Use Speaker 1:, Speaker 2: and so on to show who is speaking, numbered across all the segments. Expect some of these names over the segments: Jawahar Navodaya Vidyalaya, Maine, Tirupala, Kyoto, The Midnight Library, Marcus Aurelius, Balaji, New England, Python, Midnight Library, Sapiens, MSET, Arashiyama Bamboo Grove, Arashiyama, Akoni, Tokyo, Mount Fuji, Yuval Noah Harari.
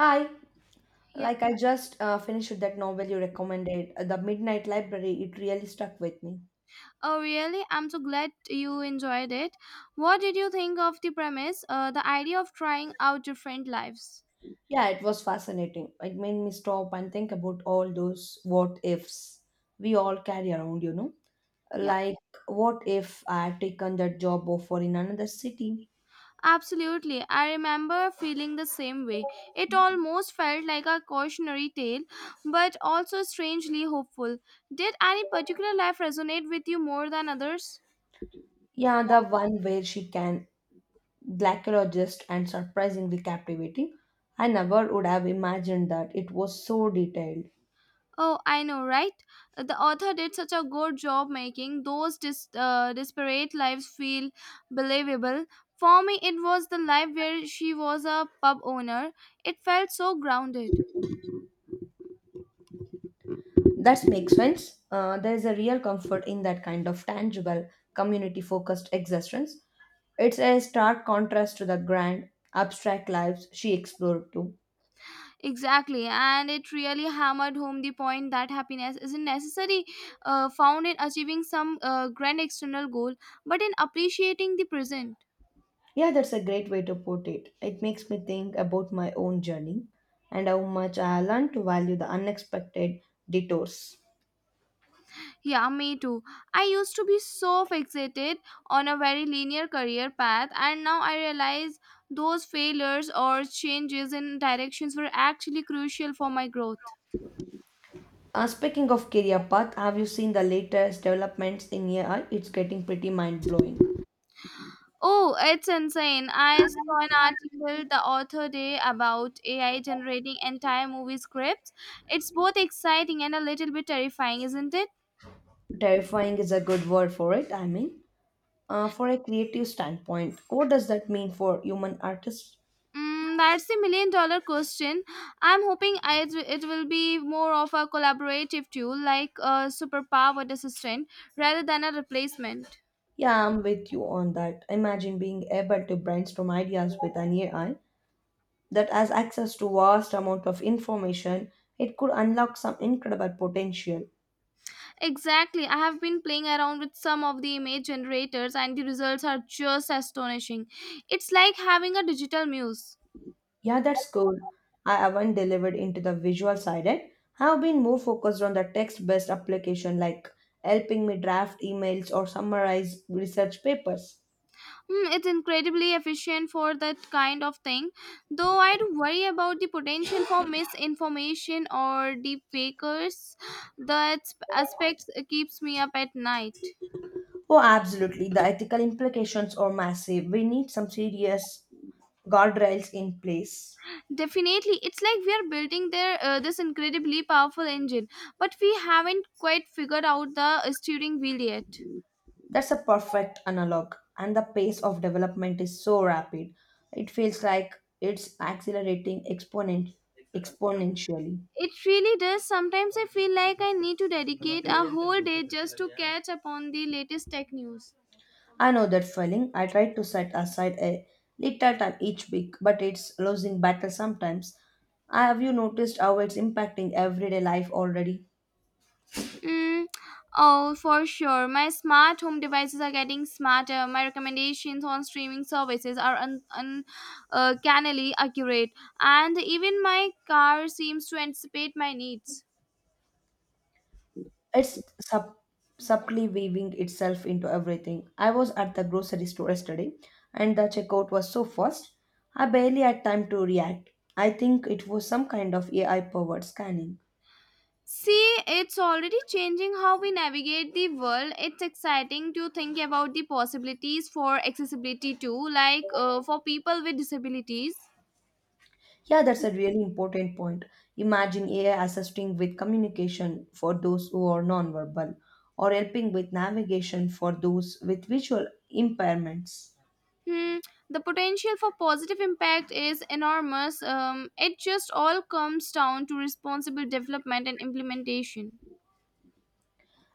Speaker 1: Hi,
Speaker 2: Yeah.
Speaker 1: I just finished that novel you recommended, The Midnight Library. It really stuck with me.
Speaker 2: Oh, really? I'm so glad you enjoyed it. What did you think of the premise, the idea of trying out different lives?
Speaker 1: Yeah, it was fascinating. It made me stop and think about all those what ifs we all carry around.
Speaker 2: Yeah,
Speaker 1: Like, what if I had taken that job offer in another city?
Speaker 2: absolutely. I remember feeling the same way. It almost felt like a cautionary tale, but also strangely hopeful. Did any particular life resonate with you more than others?
Speaker 1: Yeah, the one where she can, glacologist and surprisingly captivating. I never would have imagined that. It was so detailed.
Speaker 2: Oh, I know, right? The author did such a good job making those disparate lives feel believable. For me, it was the life where she was a pub owner. It felt so grounded.
Speaker 1: That makes sense. There is a real comfort in that kind of tangible, community focused existence. It's a stark contrast to the grand, abstract lives she explored too.
Speaker 2: Exactly, and it really hammered home the point that happiness isn't necessarily found in achieving some grand external goal, but in appreciating the present.
Speaker 1: Yeah, that's a great way to put it. It makes me think about my own journey and how much I learned to value the unexpected detours.
Speaker 2: Yeah, me too. I used to be so fixated on a very linear career path, and now I realize those failures or changes in directions were actually crucial for my growth.
Speaker 1: Speaking of career path, have you seen the latest developments in AI? It's getting pretty mind blowing.
Speaker 2: Oh, it's insane. I saw an article the author day about AI generating entire movie scripts. It's both exciting and a little bit terrifying, isn't it?
Speaker 1: Terrifying is a good word for it, I mean, for a creative standpoint, what does that mean for human artists?
Speaker 2: Mm, that's a million dollar question. I'm hoping it will be more of a collaborative tool, like a superpowered assistant, rather than a replacement.
Speaker 1: Yeah, I'm with you on that. Imagine being able to brainstorm ideas with an AI that has access to vast amount of information. It could unlock some incredible potential.
Speaker 2: Exactly. I have been playing around with some of the image generators, and the results are just astonishing. It's like having a digital muse.
Speaker 1: Yeah, that's cool. I haven't delivered into the visual side yet. I've been more focused on the text-based application like helping me draft emails or summarize research papers.
Speaker 2: Hmm, it's incredibly efficient for that kind of thing, though I do worry about the potential for misinformation or deep fakers. That aspect keeps me up at night.
Speaker 1: Oh, absolutely. The ethical implications are massive. We need some serious guardrails in place.
Speaker 2: Definitely, it's like we are building their, this incredibly powerful engine, but we haven't quite figured out the steering wheel yet.
Speaker 1: That's a perfect analog. And the pace of development is so rapid. It feels like it's exponentially.
Speaker 2: It really does. Sometimes I feel like I need to dedicate a whole day just to catch up on the latest tech news.
Speaker 1: I know that feeling. I try to set aside a little time each week, but it's losing battle sometimes. Have you noticed how it's impacting everyday life already?
Speaker 2: Mm, oh, for sure. My smart home devices are getting smarter. My recommendations on streaming services are cannily accurate, and even my car seems to anticipate my needs.
Speaker 1: It's subtly weaving itself into everything. I was at the grocery store yesterday and the checkout was so fast, I barely had time to react. I think it was some kind of AI powered scanning.
Speaker 2: See, it's already changing how we navigate the world. It's exciting to think about the possibilities for accessibility too, like for people with disabilities.
Speaker 1: Yeah, that's a really important point. Imagine AI assisting with communication for those who are nonverbal or helping with navigation for those with visual impairments.
Speaker 2: Hmm, the potential for positive impact is enormous. It just all comes down to responsible development and implementation.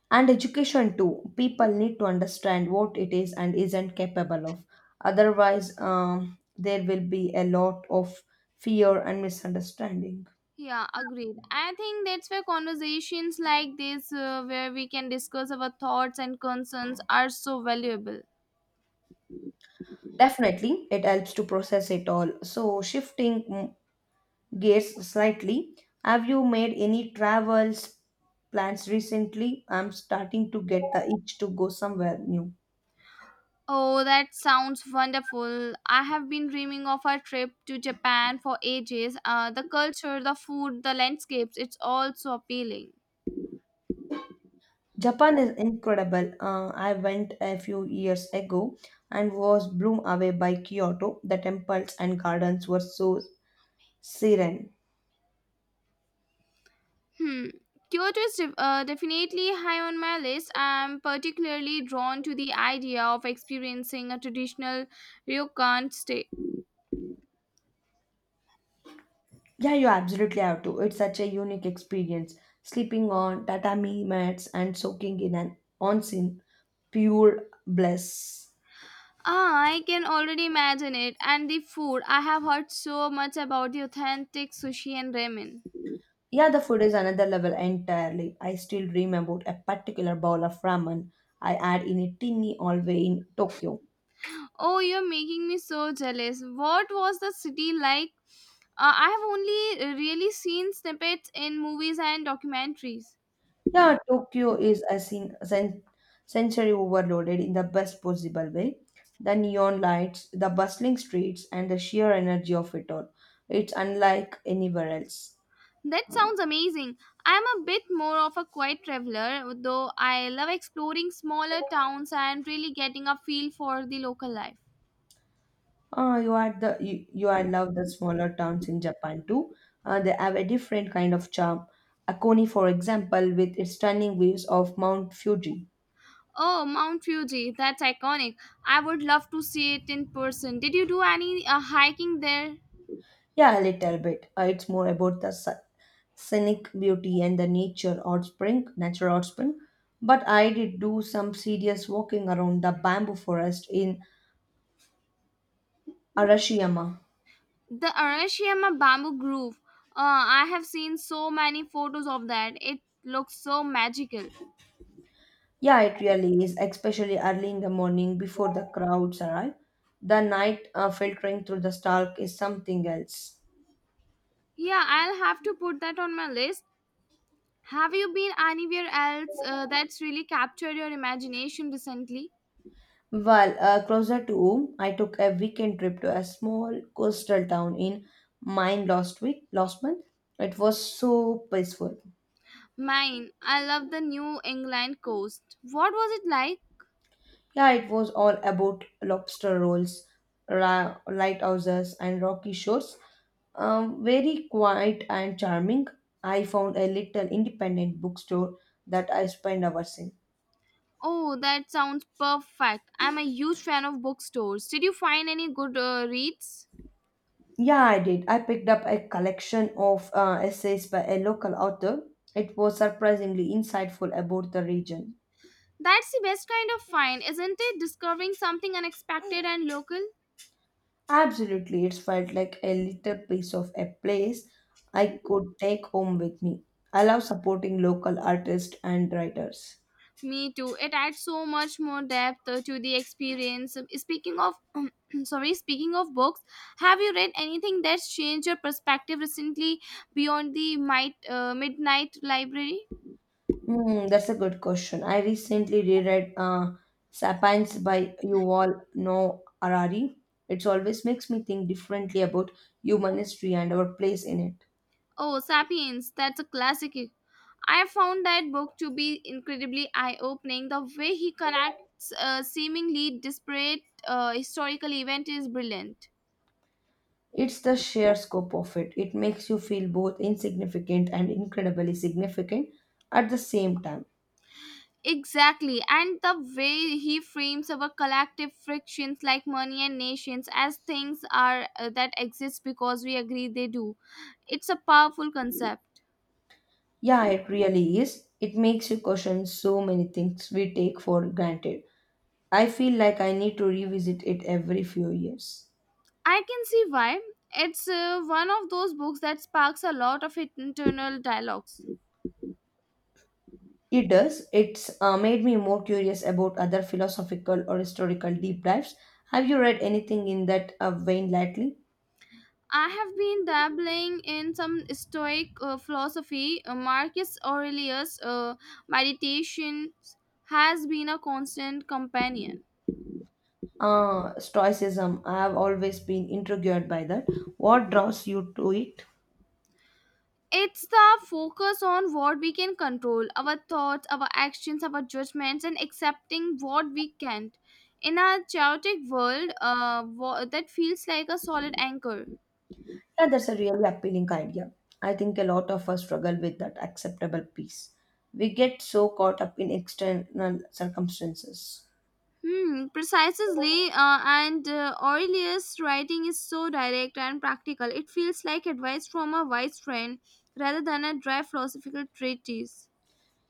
Speaker 1: And education too, people need to understand what it is and isn't capable of, otherwise there will be a lot of fear and misunderstanding.
Speaker 2: Yeah, agreed. I think that's where conversations like this, where we can discuss our thoughts and concerns, are so valuable.
Speaker 1: Definitely it helps to process it all. So shifting gears slightly, have you made any travels plans recently? I'm starting to get the itch to go somewhere new.
Speaker 2: Oh, that sounds wonderful. I have been dreaming of a trip to Japan for ages. The culture, the food, the landscapes, it's all so appealing.
Speaker 1: Japan is incredible. I went a few years ago and was blown away by Kyoto. The temples and gardens were so serene.
Speaker 2: Hmm. Kyoto is definitely high on my list. I'm particularly drawn to the idea of experiencing a traditional ryokan stay.
Speaker 1: Yeah, you absolutely have to. It's such a unique experience. Sleeping on tatami mats and soaking in an onsen, pure bliss.
Speaker 2: Ah, I can already imagine it. And the food. I have heard so much about the authentic sushi and ramen.
Speaker 1: Yeah, the food is another level entirely. I still dream about a particular bowl of ramen I had in a tinny hallway in Tokyo.
Speaker 2: Oh, you're making me so jealous. What was the city like? I have only really seen snippets in movies and documentaries.
Speaker 1: Yeah, Tokyo is a sensory overloaded in the best possible way. The neon lights, the bustling streets, and the sheer energy of it all. It's unlike anywhere else.
Speaker 2: That sounds amazing. I'm a bit more of a quiet traveler, though I love exploring smaller towns and really getting a feel for the local life.
Speaker 1: You are the you, you are love the smaller towns in Japan too. They have a different kind of charm. Akoni, for example, with its stunning views of Mount Fuji.
Speaker 2: Oh, Mount Fuji, that's iconic. I would love to see it in person. Did you do any hiking there?
Speaker 1: Yeah, a little bit. It's more about the scenic beauty and the nature outspring, natural outspring. But I did do some serious walking around the bamboo forest in Arashiyama.
Speaker 2: The Arashiyama Bamboo Grove. I have seen so many photos of that. It looks so magical.
Speaker 1: Yeah, it really is, especially early in the morning before the crowds arrive. The night filtering through the stalk is something else.
Speaker 2: Yeah, I'll have to put that on my list. Have you been anywhere else that's really captured your imagination recently?
Speaker 1: Well, closer to home, I took a weekend trip to a small coastal town in Maine last week, last month. It was so peaceful.
Speaker 2: Mine. I love the New England coast. What was it like?
Speaker 1: Yeah, it was all about lobster rolls, lighthouses, and rocky shores. Very quiet and charming. I found a little independent bookstore that I spent hours in.
Speaker 2: Oh, that sounds perfect. I'm a huge fan of bookstores. Did you find any good reads?
Speaker 1: Yeah, I did. I picked up a collection of essays by a local author. It was surprisingly insightful about the region.
Speaker 2: That's the best kind of find, isn't it? Discovering something unexpected and local.
Speaker 1: Absolutely, it felt like a little piece of a place I could take home with me. I love supporting local artists and writers.
Speaker 2: Me too. It adds so much more depth to the experience. Speaking of, sorry, speaking of books, have you read anything that's changed your perspective recently beyond the Midnight Library?
Speaker 1: Hmm, that's a good question. I recently reread Sapiens by Yuval Noah Harari. It always makes me think differently about human history and our place in it.
Speaker 2: Oh, Sapiens. That's a classic. I found that book to be incredibly eye opening. The way he connects seemingly disparate historical event is brilliant.
Speaker 1: It's the sheer scope of it. It makes you feel both insignificant and incredibly significant at the same time.
Speaker 2: Exactly, and the way he frames our collective frictions like money and nations as things are that exist because we agree they do. It's a powerful concept.
Speaker 1: Yeah, it really is. It makes you question so many things we take for granted. I feel like I need to revisit it every few years.
Speaker 2: I can see why. It's one of those books that sparks a lot of internal dialogues.
Speaker 1: It does. It's made me more curious about other philosophical or historical deep dives. Have you read anything in that vein lately?
Speaker 2: I have been dabbling in some Stoic philosophy. Marcus Aurelius' meditations has been a constant companion.
Speaker 1: Stoicism. I have always been intrigued by that. What draws you to it?
Speaker 2: It's the focus on what we can control our thoughts, our actions, our judgments, and accepting what we can't. In a chaotic world, that feels like a solid anchor.
Speaker 1: Yeah, that's a really appealing idea. I think a lot of us struggle with that acceptable peace. We get so caught up in external circumstances.
Speaker 2: Hmm, precisely. And Aurelius' writing is so direct and practical. It feels like advice from a wise friend rather than a dry philosophical treatise.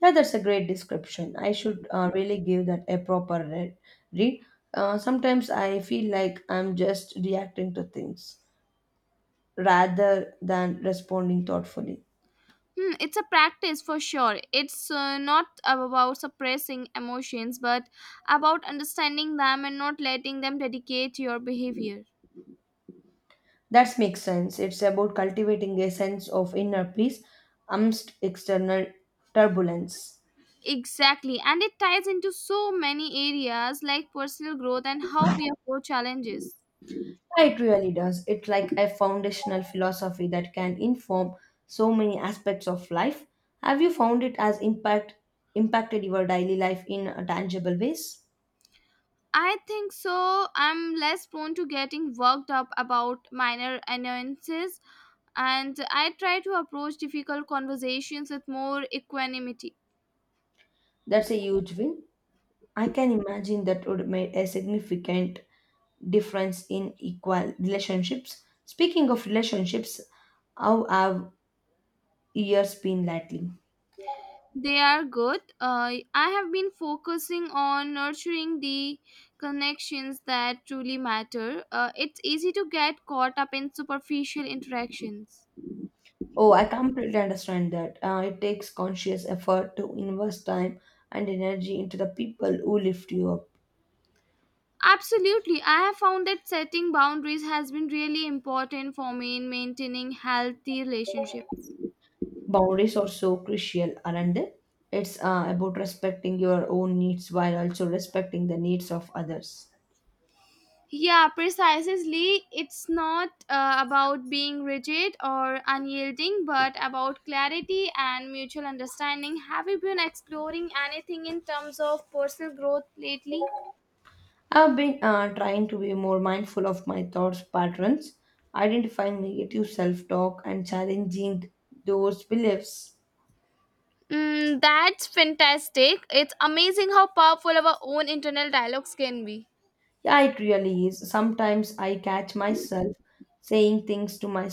Speaker 1: Yeah, that's a great description. I should really give that a proper read. Read. Sometimes I feel like I'm just reacting to things rather than responding thoughtfully.
Speaker 2: Hmm, it's a practice for sure. It's not about suppressing emotions, but about understanding them and not letting them dictate your behavior.
Speaker 1: That makes sense. It's about cultivating a sense of inner peace amidst external turbulence.
Speaker 2: Exactly. And it ties into so many areas like personal growth and how we approach challenges.
Speaker 1: Yeah, it really does. It's like a foundational philosophy that can inform so many aspects of life. Have you found it has impacted your daily life in tangible ways?
Speaker 2: I think so. I'm less prone to getting worked up about minor annoyances, and I try to approach difficult conversations with more equanimity.
Speaker 1: That's a huge win. I can imagine that would make a significant difference in equal relationships. Speaking of relationships, how have years been lately?
Speaker 2: They are good. I have been focusing on nurturing the connections that truly matter. It's easy to get caught up in superficial interactions.
Speaker 1: Oh, I completely understand that. It takes conscious effort to invest time and energy into the people who lift you up.
Speaker 2: Absolutely. I have found that setting boundaries has been really important for me in maintaining healthy relationships.
Speaker 1: Boundaries are so crucial, aren't they? It's about respecting your own needs while also respecting the needs of others.
Speaker 2: Yeah, precisely. It's not about being rigid or unyielding, but about clarity and mutual understanding. Have you been exploring anything in terms of personal growth lately?
Speaker 1: I've been trying to be more mindful of my thoughts patterns, identifying negative self talk, and challenging those beliefs.
Speaker 2: Mm, that's fantastic. It's amazing how powerful our own internal dialogues can be.
Speaker 1: Yeah, it really is. Sometimes I catch myself saying things to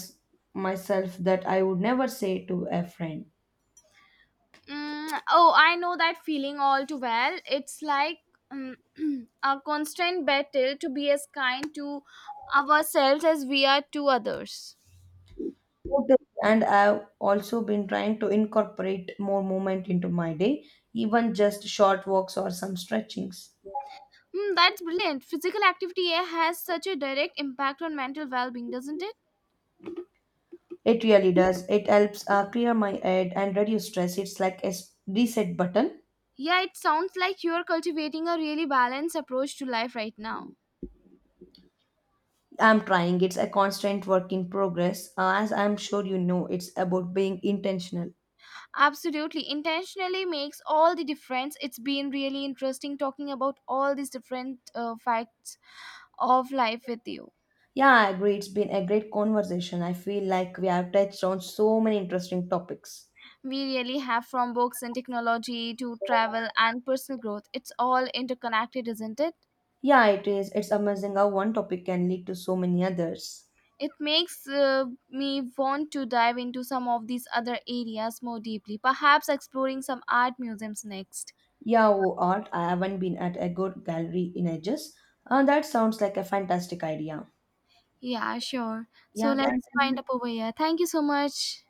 Speaker 1: myself that I would never say to a friend.
Speaker 2: Mm, oh, I know that feeling all too well. It's like um, a constant battle to be as kind to ourselves as we are to others.
Speaker 1: Totally. And I've also been trying to incorporate more movement into my day, even just short walks or some stretchings.
Speaker 2: Hmm, that's brilliant. Physical activity has such a direct impact on mental well being, doesn't it?
Speaker 1: It really does. It helps clear my head and reduce stress. It's like a reset button.
Speaker 2: Yeah, it sounds like you're cultivating a really balanced approach to life right now.
Speaker 1: I'm trying. It's a constant work in progress. As I'm sure you know, it's about being intentional.
Speaker 2: Absolutely. Intentionally makes all the difference. It's been really interesting talking about all these different facts of life with you.
Speaker 1: Yeah, I agree. It's been a great conversation. I feel like we have touched on so many interesting topics.
Speaker 2: We really have from books and technology to travel and personal growth. It's all interconnected, isn't it?
Speaker 1: Yeah, it is. It's amazing how one topic can lead to so many others.
Speaker 2: It makes me want to dive into some of these other areas more deeply, perhaps exploring some art museums next.
Speaker 1: Yeah, oh, art. I haven't been at a good gallery in ages. That sounds like a fantastic idea.
Speaker 2: Yeah, sure. So
Speaker 1: Yeah, thank
Speaker 2: let's find
Speaker 1: you.
Speaker 2: up over here. Thank you so much.